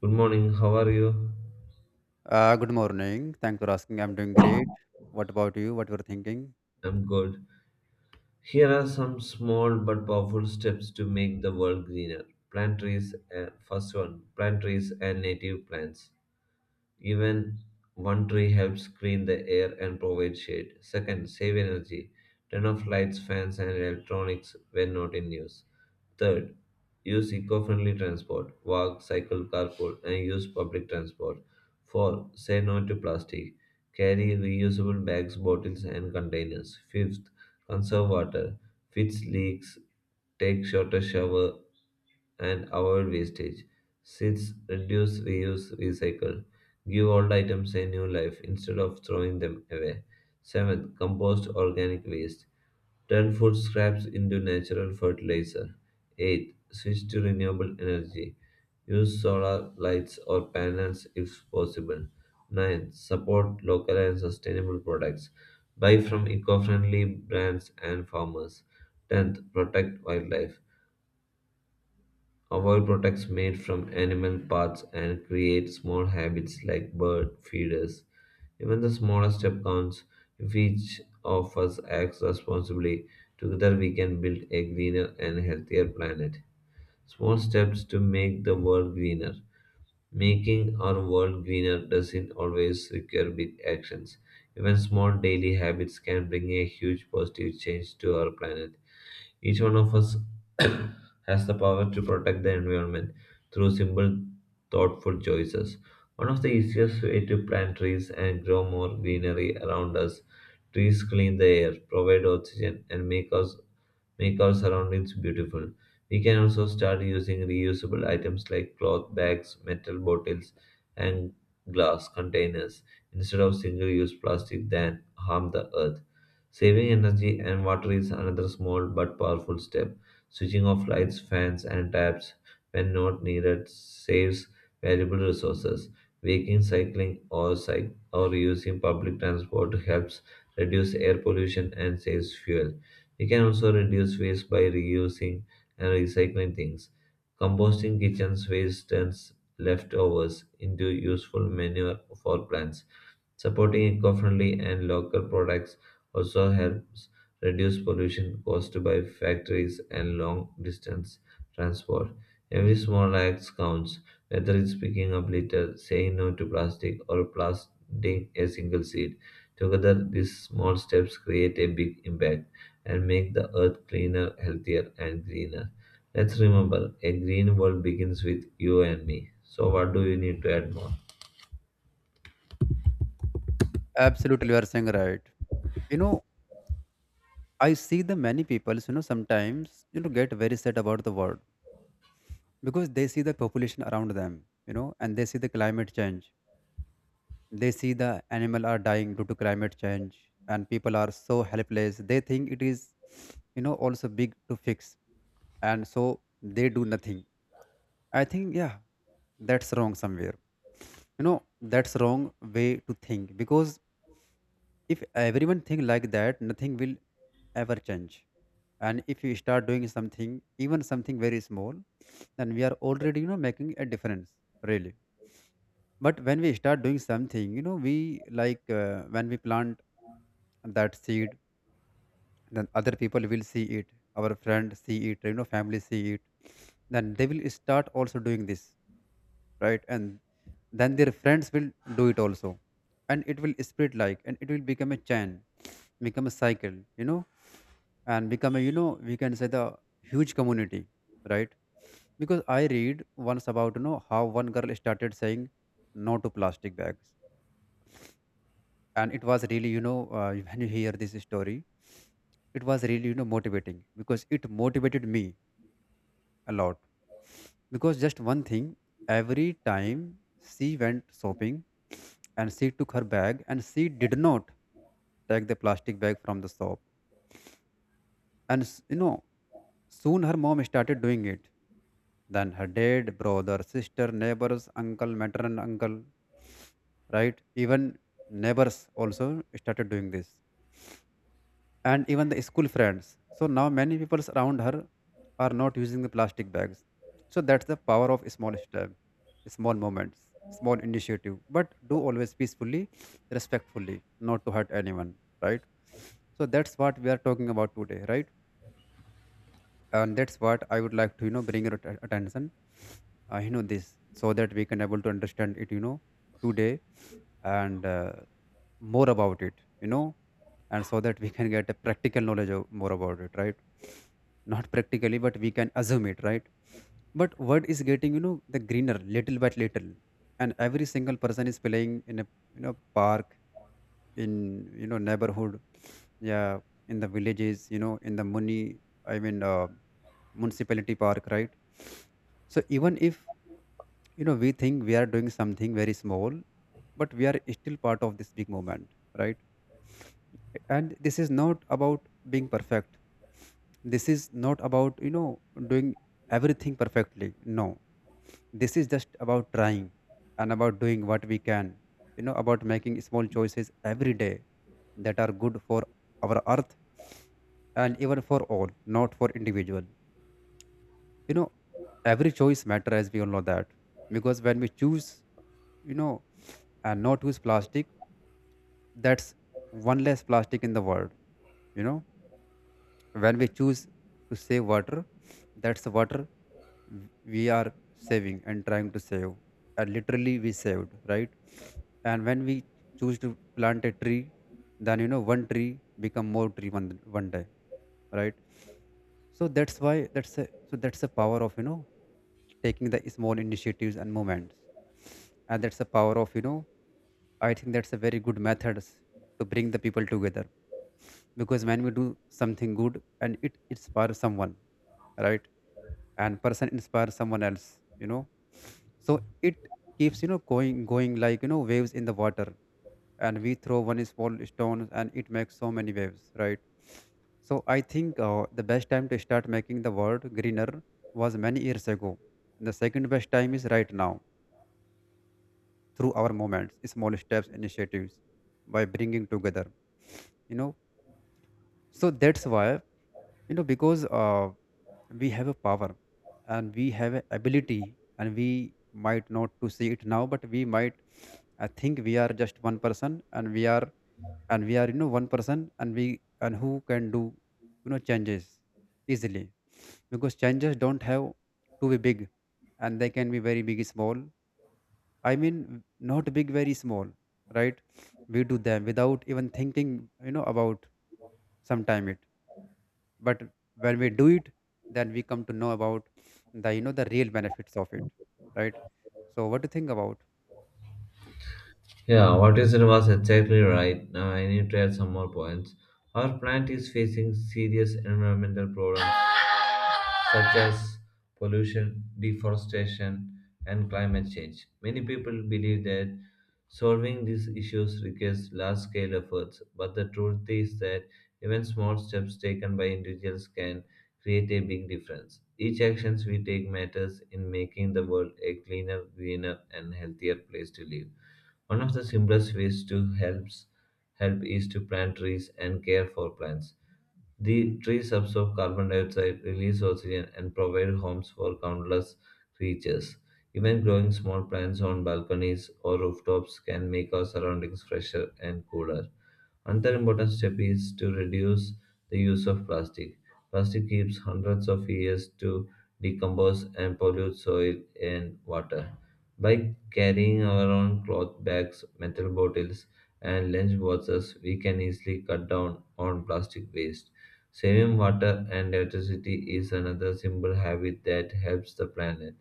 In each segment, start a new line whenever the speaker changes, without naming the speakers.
Good morning, how are you?
Good morning. Thanks for asking. I'm doing great. What about you? What you're thinking?
I'm good. Here are some small but powerful steps to make the world greener. First one, plant trees and native plants. Even one tree helps clean the air and provide shade. Second, save energy. Turn off lights, fans, and electronics when not in use. Third, use eco friendly transport. Walk, cycle, carpool, and use public transport. 4th. Say no to plastic. Carry reusable bags, bottles, and containers. 5th. Conserve water. Fix leaks. Take shorter shower and avoid wastage. 6th. Reduce, reuse, recycle. Give old items a new life instead of throwing them away. 7th. Compost organic waste. Turn food scraps into natural fertilizer. 8th. Switch to renewable energy. Use solar lights or panels if possible. 9th. Support local and sustainable products. Buy from eco friendly brands and farmers. 10th. Protect wildlife. Avoid products made from animal parts and create small habits like bird feeders. Even the smallest step counts. If each of us acts responsibly, together we can build a greener and healthier planet. Small steps to make the world greener. Making our world greener doesn't always require big actions. Even small daily habits can bring a huge positive change to our planet. Each one of us has the power to protect the environment through simple, thoughtful choices. One of the easiest ways to plant trees and grow more greenery around us. Trees clean the air, provide oxygen, and make our surroundings beautiful. We can also start using reusable items like cloth bags, metal bottles, and glass containers instead of single use plastic that harm the earth. Saving energy and water is another small but powerful step. Switching off lights, fans, and taps when not needed saves valuable resources. Walking, cycling, or using public transport helps reduce air pollution and saves fuel. We can also reduce waste by reusing and recycling things. Composting kitchen waste turns leftovers into useful manure for plants. Supporting eco-friendly and local products also helps reduce pollution caused by factories and long-distance transport. Every small act counts, whether it's picking up litter, saying no to plastic, or planting a single seed. Together, these small steps create a big impact and make the earth cleaner, healthier, and greener. Let's remember, a green world begins with you and me. So, what do you need to add more?
Absolutely, you are saying right. You know, I see the many people, sometimes, get very sad about the world because they see the population around them, and they see the climate change. They see the animal are dying due to climate change and people are so helpless. They think it is, also big to fix. And so they do nothing. I think, yeah, that's wrong somewhere. That's wrong way to think because if everyone think like that, nothing will ever change. And if you start doing something, even something very small, then we are already, making a difference, really. But when we start doing something, we like when we plant that seed, then other people will see it, our friend see it, family see it, then they will start also doing this, right? And then their friends will do it also, and it will spread like, and it will become a chain become a cycle and become a we can say the huge community, right? Because I read once about how one girl started saying no to plastic bags, and it was really when you hear this story it was really motivating because it motivated me a lot, because just one thing, every time she went shopping, and she took her bag and she did not take the plastic bag from the shop. And s- you know, Soon her mom started doing it. Then her dad, brother, sister, neighbors, uncle, maternal uncle, right? Even neighbors also started doing this. And even the school friends. So now many people around her are not using the plastic bags. So that's the power of small step, small moments, small initiative. But do always peacefully, respectfully, not to hurt anyone, right? So that's what we are talking about today, right? And that's what I would like to bring your attention, this, so that we can able to understand it today, and more about it you know, and so that we can get a practical knowledge of more about it, right? Not practically, but we can assume it, right? But world is getting the greener little by little, and every single person is playing in a park, in neighborhood, yeah, in the villages, in the money, i mean uh, municipality park, right? So even if we think we are doing something very small, but we are still part of this big movement, right? And this is not about being perfect, this is not about doing everything perfectly, no. This is just about trying, and about doing what we can, about making small choices every day that are good for our earth, and even for all, not for individual. you know every choice matter, as we all know that. Because when we choose, you know and not use plastic, that's one less plastic in the world. you know when we choose to save water, that's the water, w- we are saving and trying to save, and literally we saved, right? And when we choose to plant a tree, then one tree become more tree one, one day, right? So that's why so that's the power of taking the small initiatives and moments, and that's the power of, I think that's a very good methods to bring the people together. Because when we do something good and it inspires someone, right? And person inspires someone else, you know. So it keeps going like waves in the water, and we throw one small stone and it makes so many waves, right? So I think the best time to start making the world greener was many years ago. The second best time is right now, through our moments, small steps, initiatives, by bringing together, you know so that's why, because we have a power and we have a ability, and we might not to see it now, but we might. I think we are just one person and we are, one person, and we, and who can do, changes easily, because changes don't have to be big, and they can be very big small, i mean not big, very small, right? We do them without even thinking, about, sometime it, but when we do it, then we come to know about the, the real benefits of it, right? So what do you think about?
Yeah, what you said was exactly right. Now I need to add some more points. Our planet is facing serious environmental problems such as pollution, deforestation, and climate change. Many people believe that solving these issues requires large scale efforts, but the truth is that even small steps taken by individuals can create a big difference. Each actions we take matters in making the world a cleaner, greener, and healthier place to live. One of the simplest ways to help is to plant trees and care for plants. The trees absorb carbon dioxide, release oxygen, and provide homes for countless creatures. Even growing small plants on balconies or rooftops can make our surroundings fresher and cooler. Another important step is to reduce the use of plastic. Plastic keeps hundreds of years to decompose and pollute soil and water. By carrying our own cloth bags, metal bottles, and lunch boxes, we can easily cut down on plastic waste. Saving water and electricity is another simple habit that helps the planet.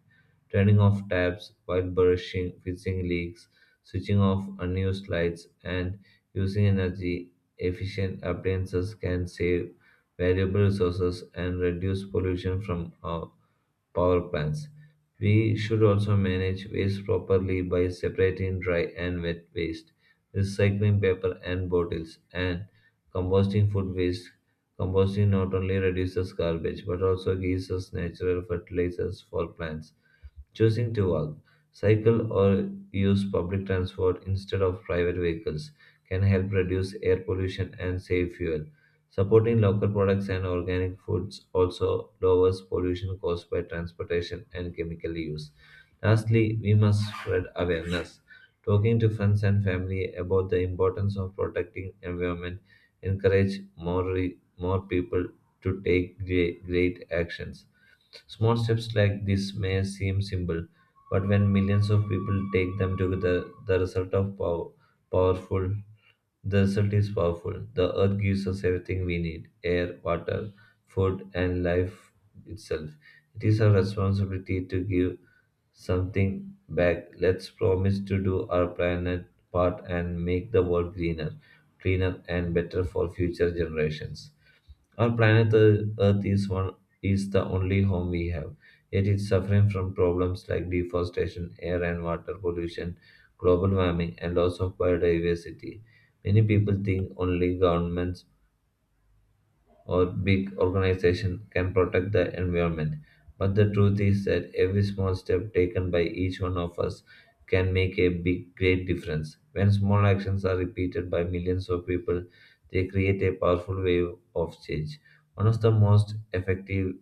Turning off taps while brushing, fixing leaks, switching off unused lights, and using energy efficient appliances can save valuable resources and reduce pollution from our power plants. We should also manage waste properly by separating dry and wet waste, recycling paper and bottles, and composting food waste. Composting not only reduces garbage but also gives us natural fertilizers for plants choosing to walk, cycle, or use public transport instead of private vehicles can help reduce air pollution and save fuel. Supporting local products and organic foods also lowers pollution caused by transportation and chemical use. Lastly, we must spread awareness. Talking to friends and family about the importance of protecting environment encourage more people to take great actions. Small steps like this may seem simple, but when millions of people take them together, powerful the result is powerful. The earth gives us everything we need: air, water, food, and life itself. It is our responsibility to give something back. Let's promise to do our planet part and make the world greener, cleaner, and better for future generations. Our planet Earth is the only home we have, yet it's suffering from problems like deforestation, air and water pollution, global warming, and loss of biodiversity. Many people think only governments or big organization can protect the environment. But the truth is that every small step taken by each one of us can make a big, great difference. When small actions are repeated by millions of people, they create a powerful wave of change. One of the most effective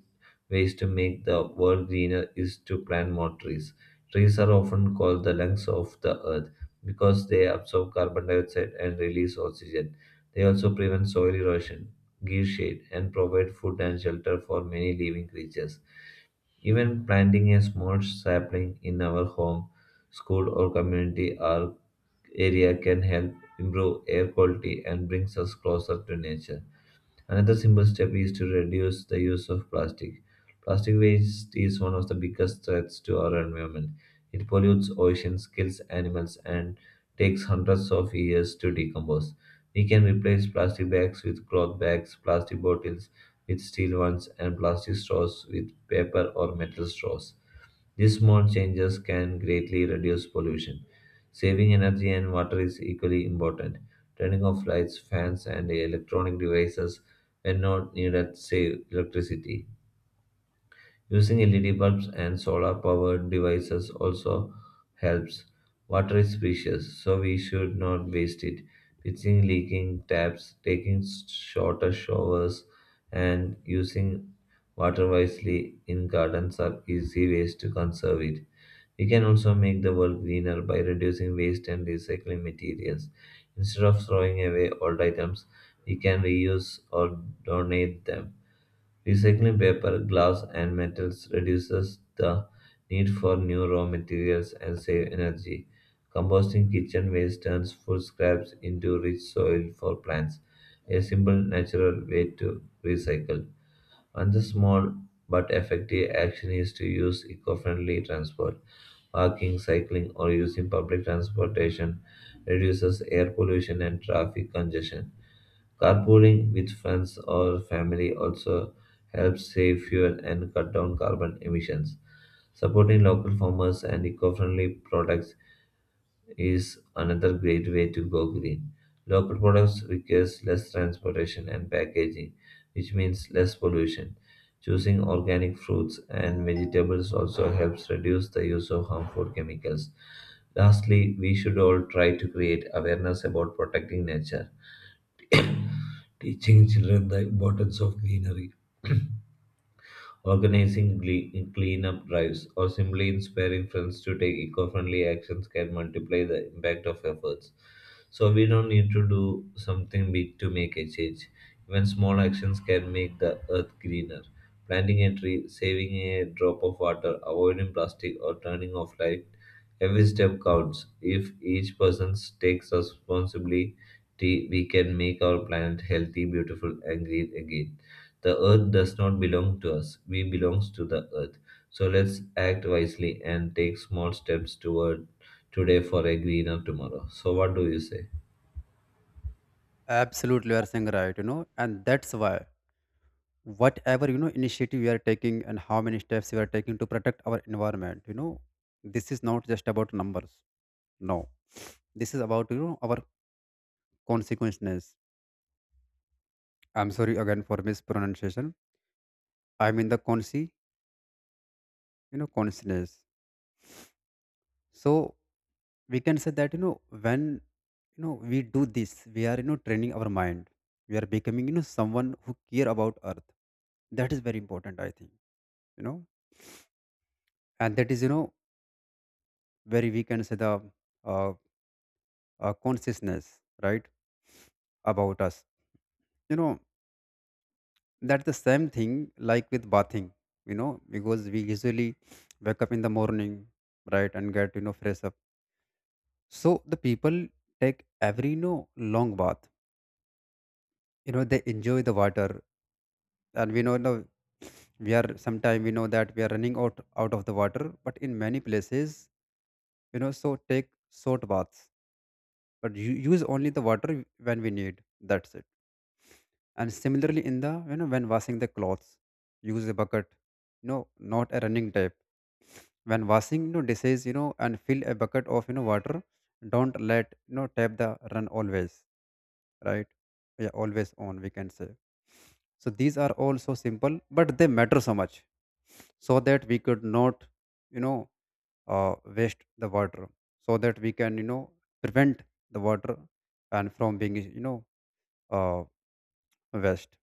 ways to make the world greener is to plant more trees. Trees are often called the lungs of the earth because they absorb carbon dioxide and release oxygen. They also prevent soil erosion, give shade, and provide food and shelter for many living creatures. Even planting a small sapling in our home, school, or community or area can help improve air quality and brings us closer to nature. Another simple step is to reduce the use of plastic. Plastic waste is one of the biggest threats to our environment. It pollutes oceans, kills animals, and takes hundreds of years to decompose. We can replace plastic bags with cloth bags, plastic bottles with steel ones, and plastic straws with paper or metal straws. These small changes can greatly reduce pollution. Saving energy and water is equally important. Turning off lights, fans, and electronic devices when not needed save electricity. Using LED bulbs and solar powered devices also helps. Water is precious, so we should not waste it. Fixing leaking taps, taking shorter showers, and using water wisely in gardens are easy ways to conserve it. We can also make the world greener by reducing waste and recycling materials. Instead of throwing away old items, we can reuse or donate them. Recycling paper, glass, and metals reduces the need for new raw materials and save energy. Composting kitchen waste turns food scraps into rich soil for plants, a simple natural way to recycle. Another small but effective action is to use eco friendly transport. Walking, cycling, or using public transportation reduces air pollution and traffic congestion. Carpooling with friends or family also helps save fuel and cut down carbon emissions. Supporting local farmers and eco friendly products is another great way to go green. Local products requires less transportation and packaging, which means less pollution. Choosing organic fruits and vegetables also helps reduce the use of harmful chemicals. Lastly, we should all try to create awareness about protecting nature, teaching children the importance of greenery. Organizing cleanup drives or simply inspiring friends to take eco friendly actions can multiply the impact of efforts. So we don't need to do something big to make a change. Even small actions can make the earth greener. Planting a tree, saving a drop of water, avoiding plastic, or turning off light. Every step counts. If each person takes responsibility, we can make our planet healthy, beautiful, and green again. The earth does not belong to us, we belong to the earth. So let's act wisely and take small steps toward today for a greener tomorrow. So, what do you say?
Absolutely, you are saying right, and that's why whatever, initiative we are taking and how many steps we are taking to protect our environment. This is not just about numbers, no. This is about, our consequences. I'm sorry again for mispronunciation. I mean, the consi you know, consciousness. So we can say that, when, we do this, we are, training our mind. We are becoming, someone who care about earth. That is very important, I think. you know and that is, very, we can say the uh, consciousness, right, about us. You know, that's the same thing like with bathing, because we usually wake up in the morning, right, and get, fresh up. So the people take every, long bath, they enjoy the water. And we know, now we are sometime we know that we are running out of the water, but in many places, so take short baths, but you use only the water when we need. That's it. And similarly, in the, when washing the clothes, use a bucket, no, not a running tap. When washing, dishes, and fill a bucket of, water. Don't let, tap the run always, right? Yeah, always on. We can say. So these are all so simple, but they matter so much, so that we could not, you know, waste the water, so that we can, prevent the water, and from being, uh, waste.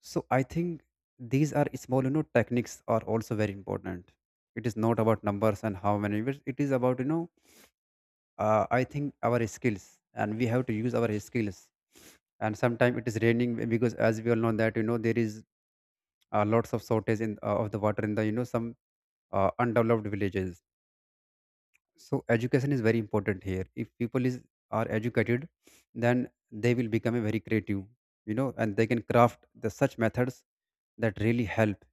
So I think these are small, techniques are also very important. It is not about numbers and how many, but it is about, I think our skills, and we have to use our skills. And sometimes it is raining because as we all know that, there is lots of shortage in, of the water in the, some undeveloped villages. So education is very important here. If people is are educated, then they will become a very creative, and they can craft the such methods that really help,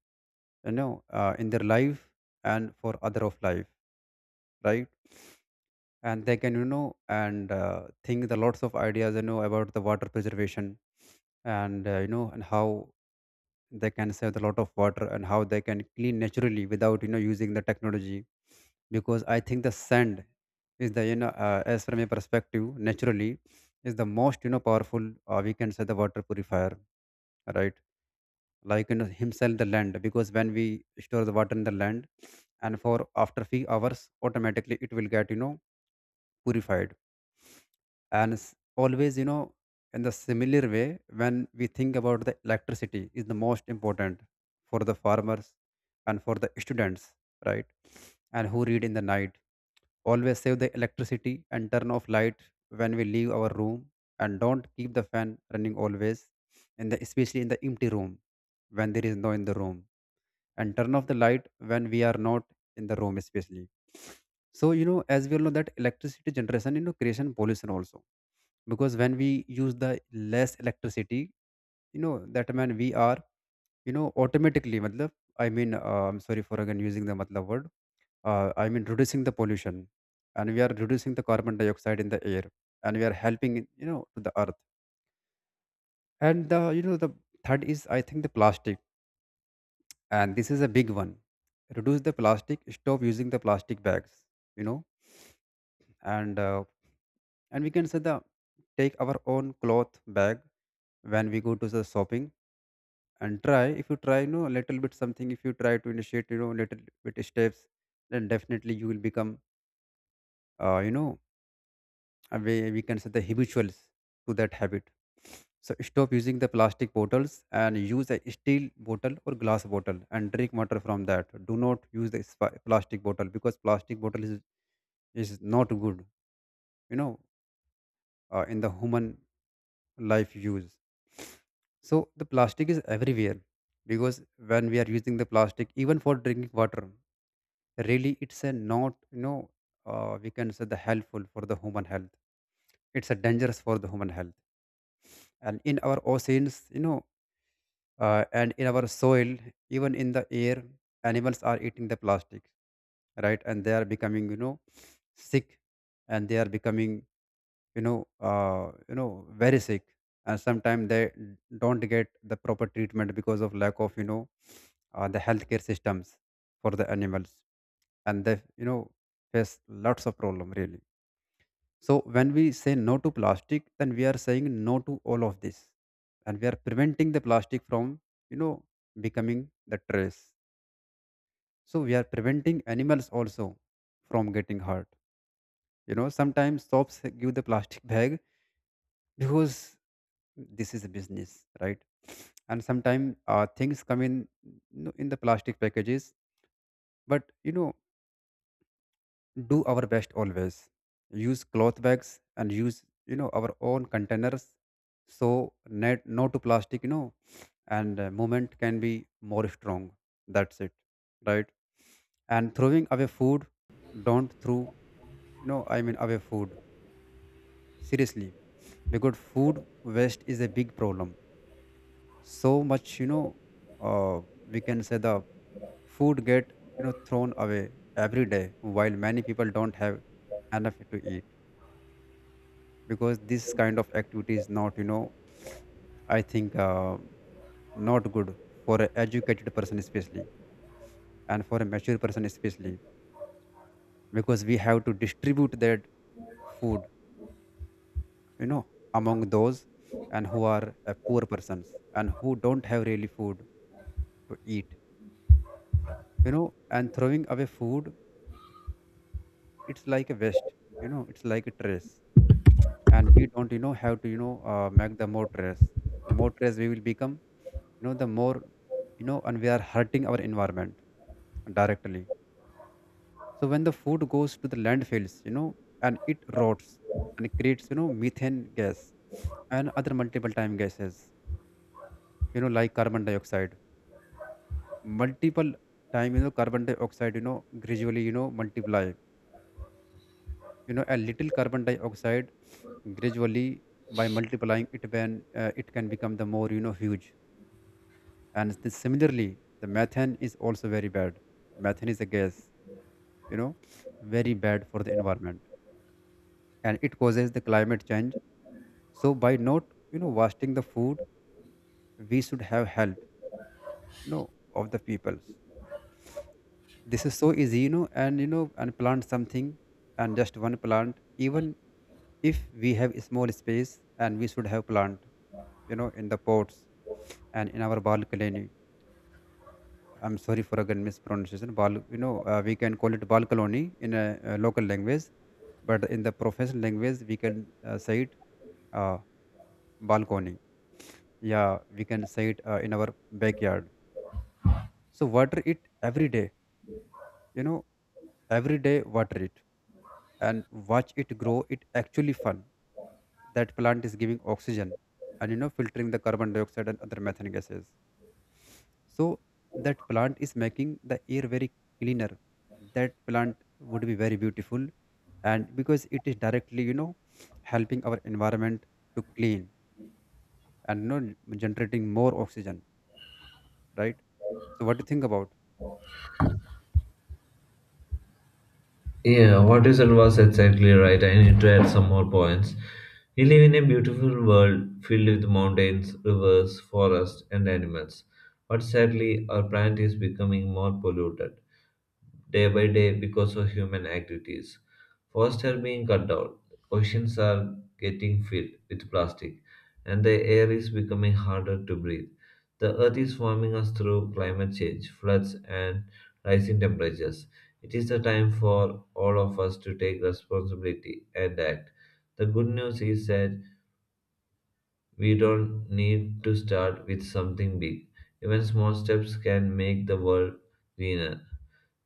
in their life and for other of life, right? And they can, and think the lots of ideas, about the water preservation, and and how they can save a lot of water, and how they can clean naturally without, using the technology. Because I think the sand is the as from a perspective naturally, is the most, powerful, we can say the water purifier, right? Like, himself the land, because when we store the water in the land and for after few hours, automatically it will get, purified. And s- always you know in the similar way, when we think about the electricity is the most important, for the farmers and for the students, right? And who read in the night. Always save the electricity and turn off light when we leave our room, and don't keep the fan running always, in the, especially in the empty room, when there is no in the room, and turn off the light when we are not in the room, especially. So, as we all know that electricity generation, creation pollution also, because when we use the less electricity, that man we are, automatically matlab, I mean uh, I'm sorry for again using the matlab word, I mean, reducing the pollution, and we are reducing the carbon dioxide in the air, and we are helping, to the earth. And the, the third is, I think, the plastic, and this is a big one. Reduce the plastic. Stop using the plastic bags. You know, and uh, and we can say the take our own cloth bag when we go to the shopping. And try, if you try you know a little bit something. If you try to initiate little bit steps, then definitely you will become uh, you know we can say the habituals to that habit. So stop using the plastic bottles and use a steel bottle or glass bottle and drink water from that. Do not use the plastic bottle because plastic bottle is not good, you know, in the human life use. So the plastic is everywhere because when we are using the plastic, even for drinking water, really it's a not, we can say the helpful for the human health. It's a dangerous for the human health, and in our oceans, and in our soil, even in the air, animals are eating the plastic, right? And they are becoming, sick, and they are becoming very sick. And sometimes they don't get the proper treatment because of lack of, the healthcare systems for the animals, and they, face lots of problem, really. So when we say no to plastic, then we are saying no to all of this, and we are preventing the plastic from, you know, becoming the trash. So we are preventing animals also from getting hurt. You know, sometimes shops give the plastic bag because this is a business, right? And sometimes things come in, in the plastic packages. But you know, do our best. Always use cloth bags and use, our own containers. So net no to plastic, you know and movement can be more strong. That's it, right? And throwing away food, don't throw, away food, seriously, because food waste is a big problem. So much, uh, we can say the food get, thrown away every day, while many people don't have enough to eat. Because this kind of activity is not, you know I think not good for an educated person especially, and for a mature person especially, because we have to distribute that food, you know among those, and who are poor persons and who don't have really food to eat, you know. And throwing away food, it's like a waste, you know, it's like a trash. And we don't, have to, make the more stress. The more stress we will become, the more, and we are hurting our environment directly. So when the food goes to the landfills, and it rots, and it creates, methane gas and other multiple time gases, you know, like carbon dioxide. Multiple time, carbon dioxide, gradually, multiply, a little carbon dioxide gradually, by multiplying it, when it can become the more, huge. And this, similarly, the methane is also very bad. Methane is a gas, you know, very bad for the environment, and it causes the climate change. So by not, wasting the food, we should have help, of the peoples. This is so easy, and plant something, and just one plant even. If we have a small space, and we should have plant, in the pots and in our balcony. I'm sorry for again mispronunciation. We can call it balkaloni in a, local language. But in the professional language, we can say it, uh, balcony. Yeah, we can say it in our backyard. So water it every day. You know, every day water it and watch it grow. It actually fun. That plant is giving oxygen, and, filtering the carbon dioxide and other methane gases. So that plant is making the air very cleaner. That plant would be very beautiful, and because it is directly, helping our environment to clean, and you know, generating more oxygen, right? So what do you think about?
Yeah, what you said was exactly right. I need to add some more points. We live in a beautiful world filled with mountains, rivers, forests, and animals. But sadly, our planet is becoming more polluted day by day because of human activities. Forests are being cut down, oceans are getting filled with plastic, and the air is becoming harder to breathe. The earth is warming us through climate change, floods, and rising temperatures. It is the time for all of us to take responsibility and act. The good news is that we don't need to start with something big. Even small steps can make the world greener.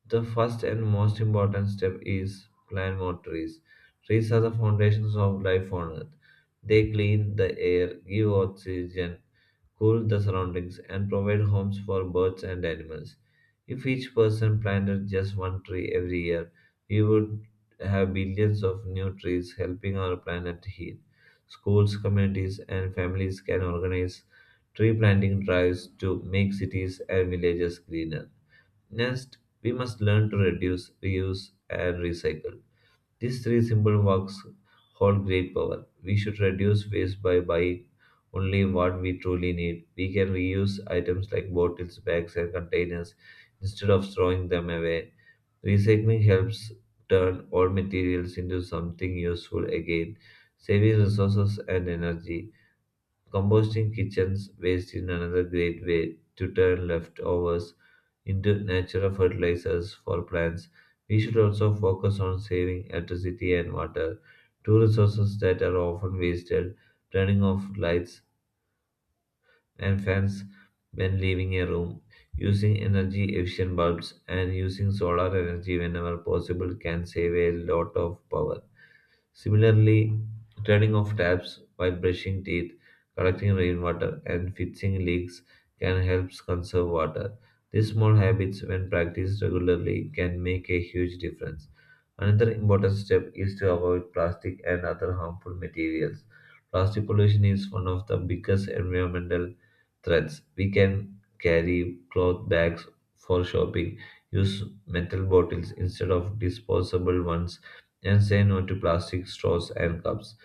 The first and most important step is plant more trees. Trees are the foundations of life on earth. They clean the air, give oxygen, cool the surroundings, and provide homes for birds and animals. If each person planted just one tree every year, we would have billions of new trees helping our planet heal. Schools, communities, and families can organize tree planting drives to make cities and villages greener. Next, we must learn to reduce, reuse, and recycle. These three simple works hold great power. We should reduce waste by buying only what we truly need. We can reuse items like bottles, bags, and containers instead of throwing them away. Recycling helps turn all materials into something useful again, saving resources and energy. Composting kitchens waste is another great way to turn leftovers into natural fertilizers for plants. We should also focus on saving electricity and water, two resources that are often wasted, turning off lights and fans when leaving a room, using energy efficient bulbs, and using solar energy whenever possible can save a lot of power. Similarly, turning off taps while brushing teeth, collecting rainwater, and fixing leaks can help conserve water. These small habits, when practiced regularly, can make a huge difference. Another important step is to avoid plastic and other harmful materials. Plastic pollution is one of the biggest environmental threats. We can carry cloth bags for shopping, use metal bottles instead of disposable ones and say no to plastic straws and cups.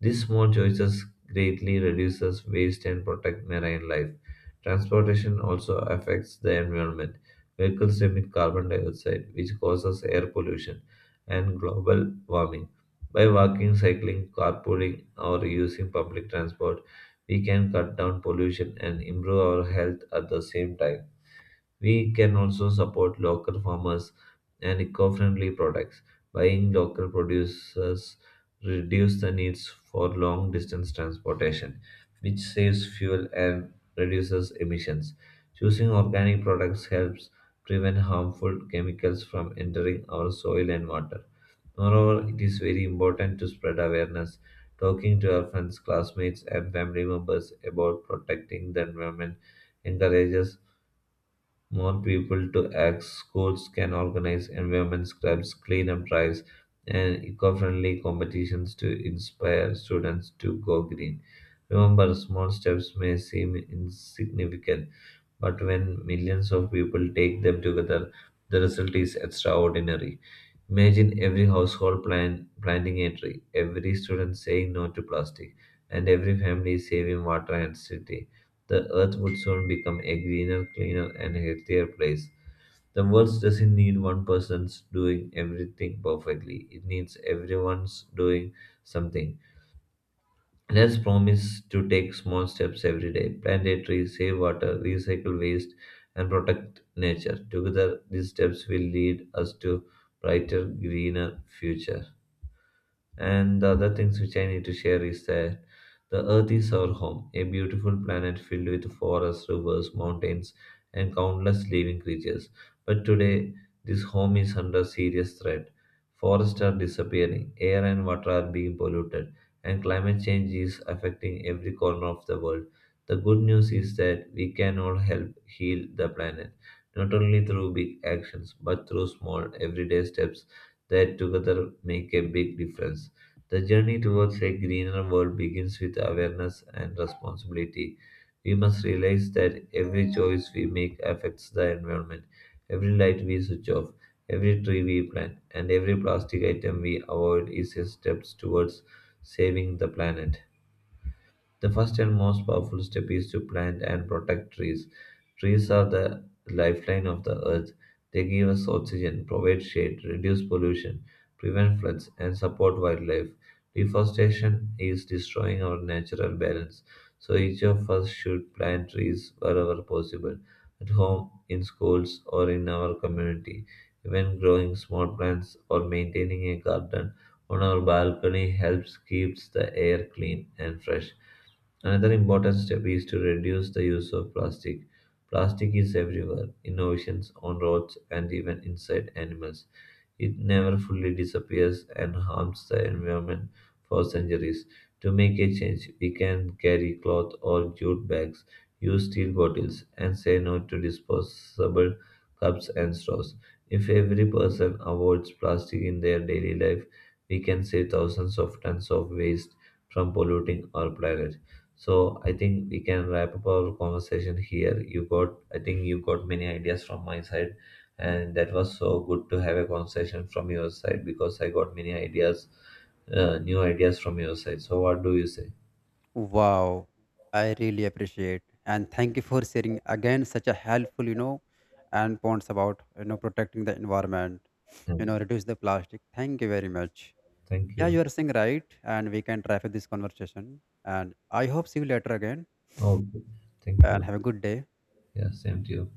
These small choices greatly reduces waste and protect marine life. Transportation also affects the environment. Vehicles emit carbon dioxide, which causes air pollution and global warming. By walking, cycling, carpooling, or using public transport, we can cut down pollution and improve our health at the same time. We can also support local farmers and eco-friendly products. Buying local producers reduce the needs for long-distance transportation, which saves fuel and reduces emissions. Choosing organic products helps prevent harmful chemicals from entering our soil and water. Moreover, it is very important to spread awareness, talking to our friends, classmates, and family members about protecting the environment encourages more people to act, schools can organize environment scrubs, cleanup drives, and eco friendly competitions to inspire students to go green. Remember, small steps may seem insignificant, but when millions of people take them together, the result is extraordinary. Imagine every household plan, planting a tree, every student saying no to plastic, and every family saving water and city the earth would soon become a greener, cleaner, and healthier place. The world doesn't need one person's doing everything perfectly, it needs everyone's doing something. Let's promise to take small steps every day plant a tree, save water, recycle waste, and protect nature. Together, these steps will lead us to brighter, greener future. And the other things which I need to share is that the Earth is our home, a beautiful planet filled with forests, rivers, mountains, and countless living creatures. But today, this home is under serious threat. Forests are disappearing, air and water are being polluted, and climate change is affecting every corner of the world. The good news is that we can all help heal the planet, not only through big actions, but through small, everyday steps that together make a big difference. The journey towards a greener world begins with awareness and responsibility. We must realize that every choice we make affects the environment, every light we switch off, every tree we plant, and every plastic item we avoid is a step towards saving the planet. The first and most powerful step is to plant and protect trees. Trees are the lifeline of the earth. They give us oxygen, provide shade, reduce pollution, prevent floods, and support wildlife. Deforestation is destroying our natural balance, so each of us should plant trees wherever possible at home, in schools, or in our community. Even growing small plants or maintaining a garden on our balcony helps keeps the air clean and fresh. Another important step is to reduce the use of plastic. Plastic is everywhere, in oceans, on roads, and even inside animals. It never fully disappears and harms the environment for centuries. To make a change, we can carry cloth or jute bags, use steel bottles, and say no to disposable cups and straws. If every person avoids plastic in their daily life, we can save thousands of tons of waste from polluting our planet. So I think we can wrap up our conversation here. You got, I think you got many ideas from my side, and that was so good to have a conversation from your side because I got many ideas, new ideas from your side. So what do you say?
Wow, I really appreciate and thank you for sharing again such a helpful, you know and points about, protecting the environment,
Yes.
reduce the plastic. Thank you very much.
Thank
Yeah, you
you.
are saying right, and we can wrap up this conversation. And I hope see you later again,
Okay. Thank
and
you.
have a good day.
Yeah, same to you.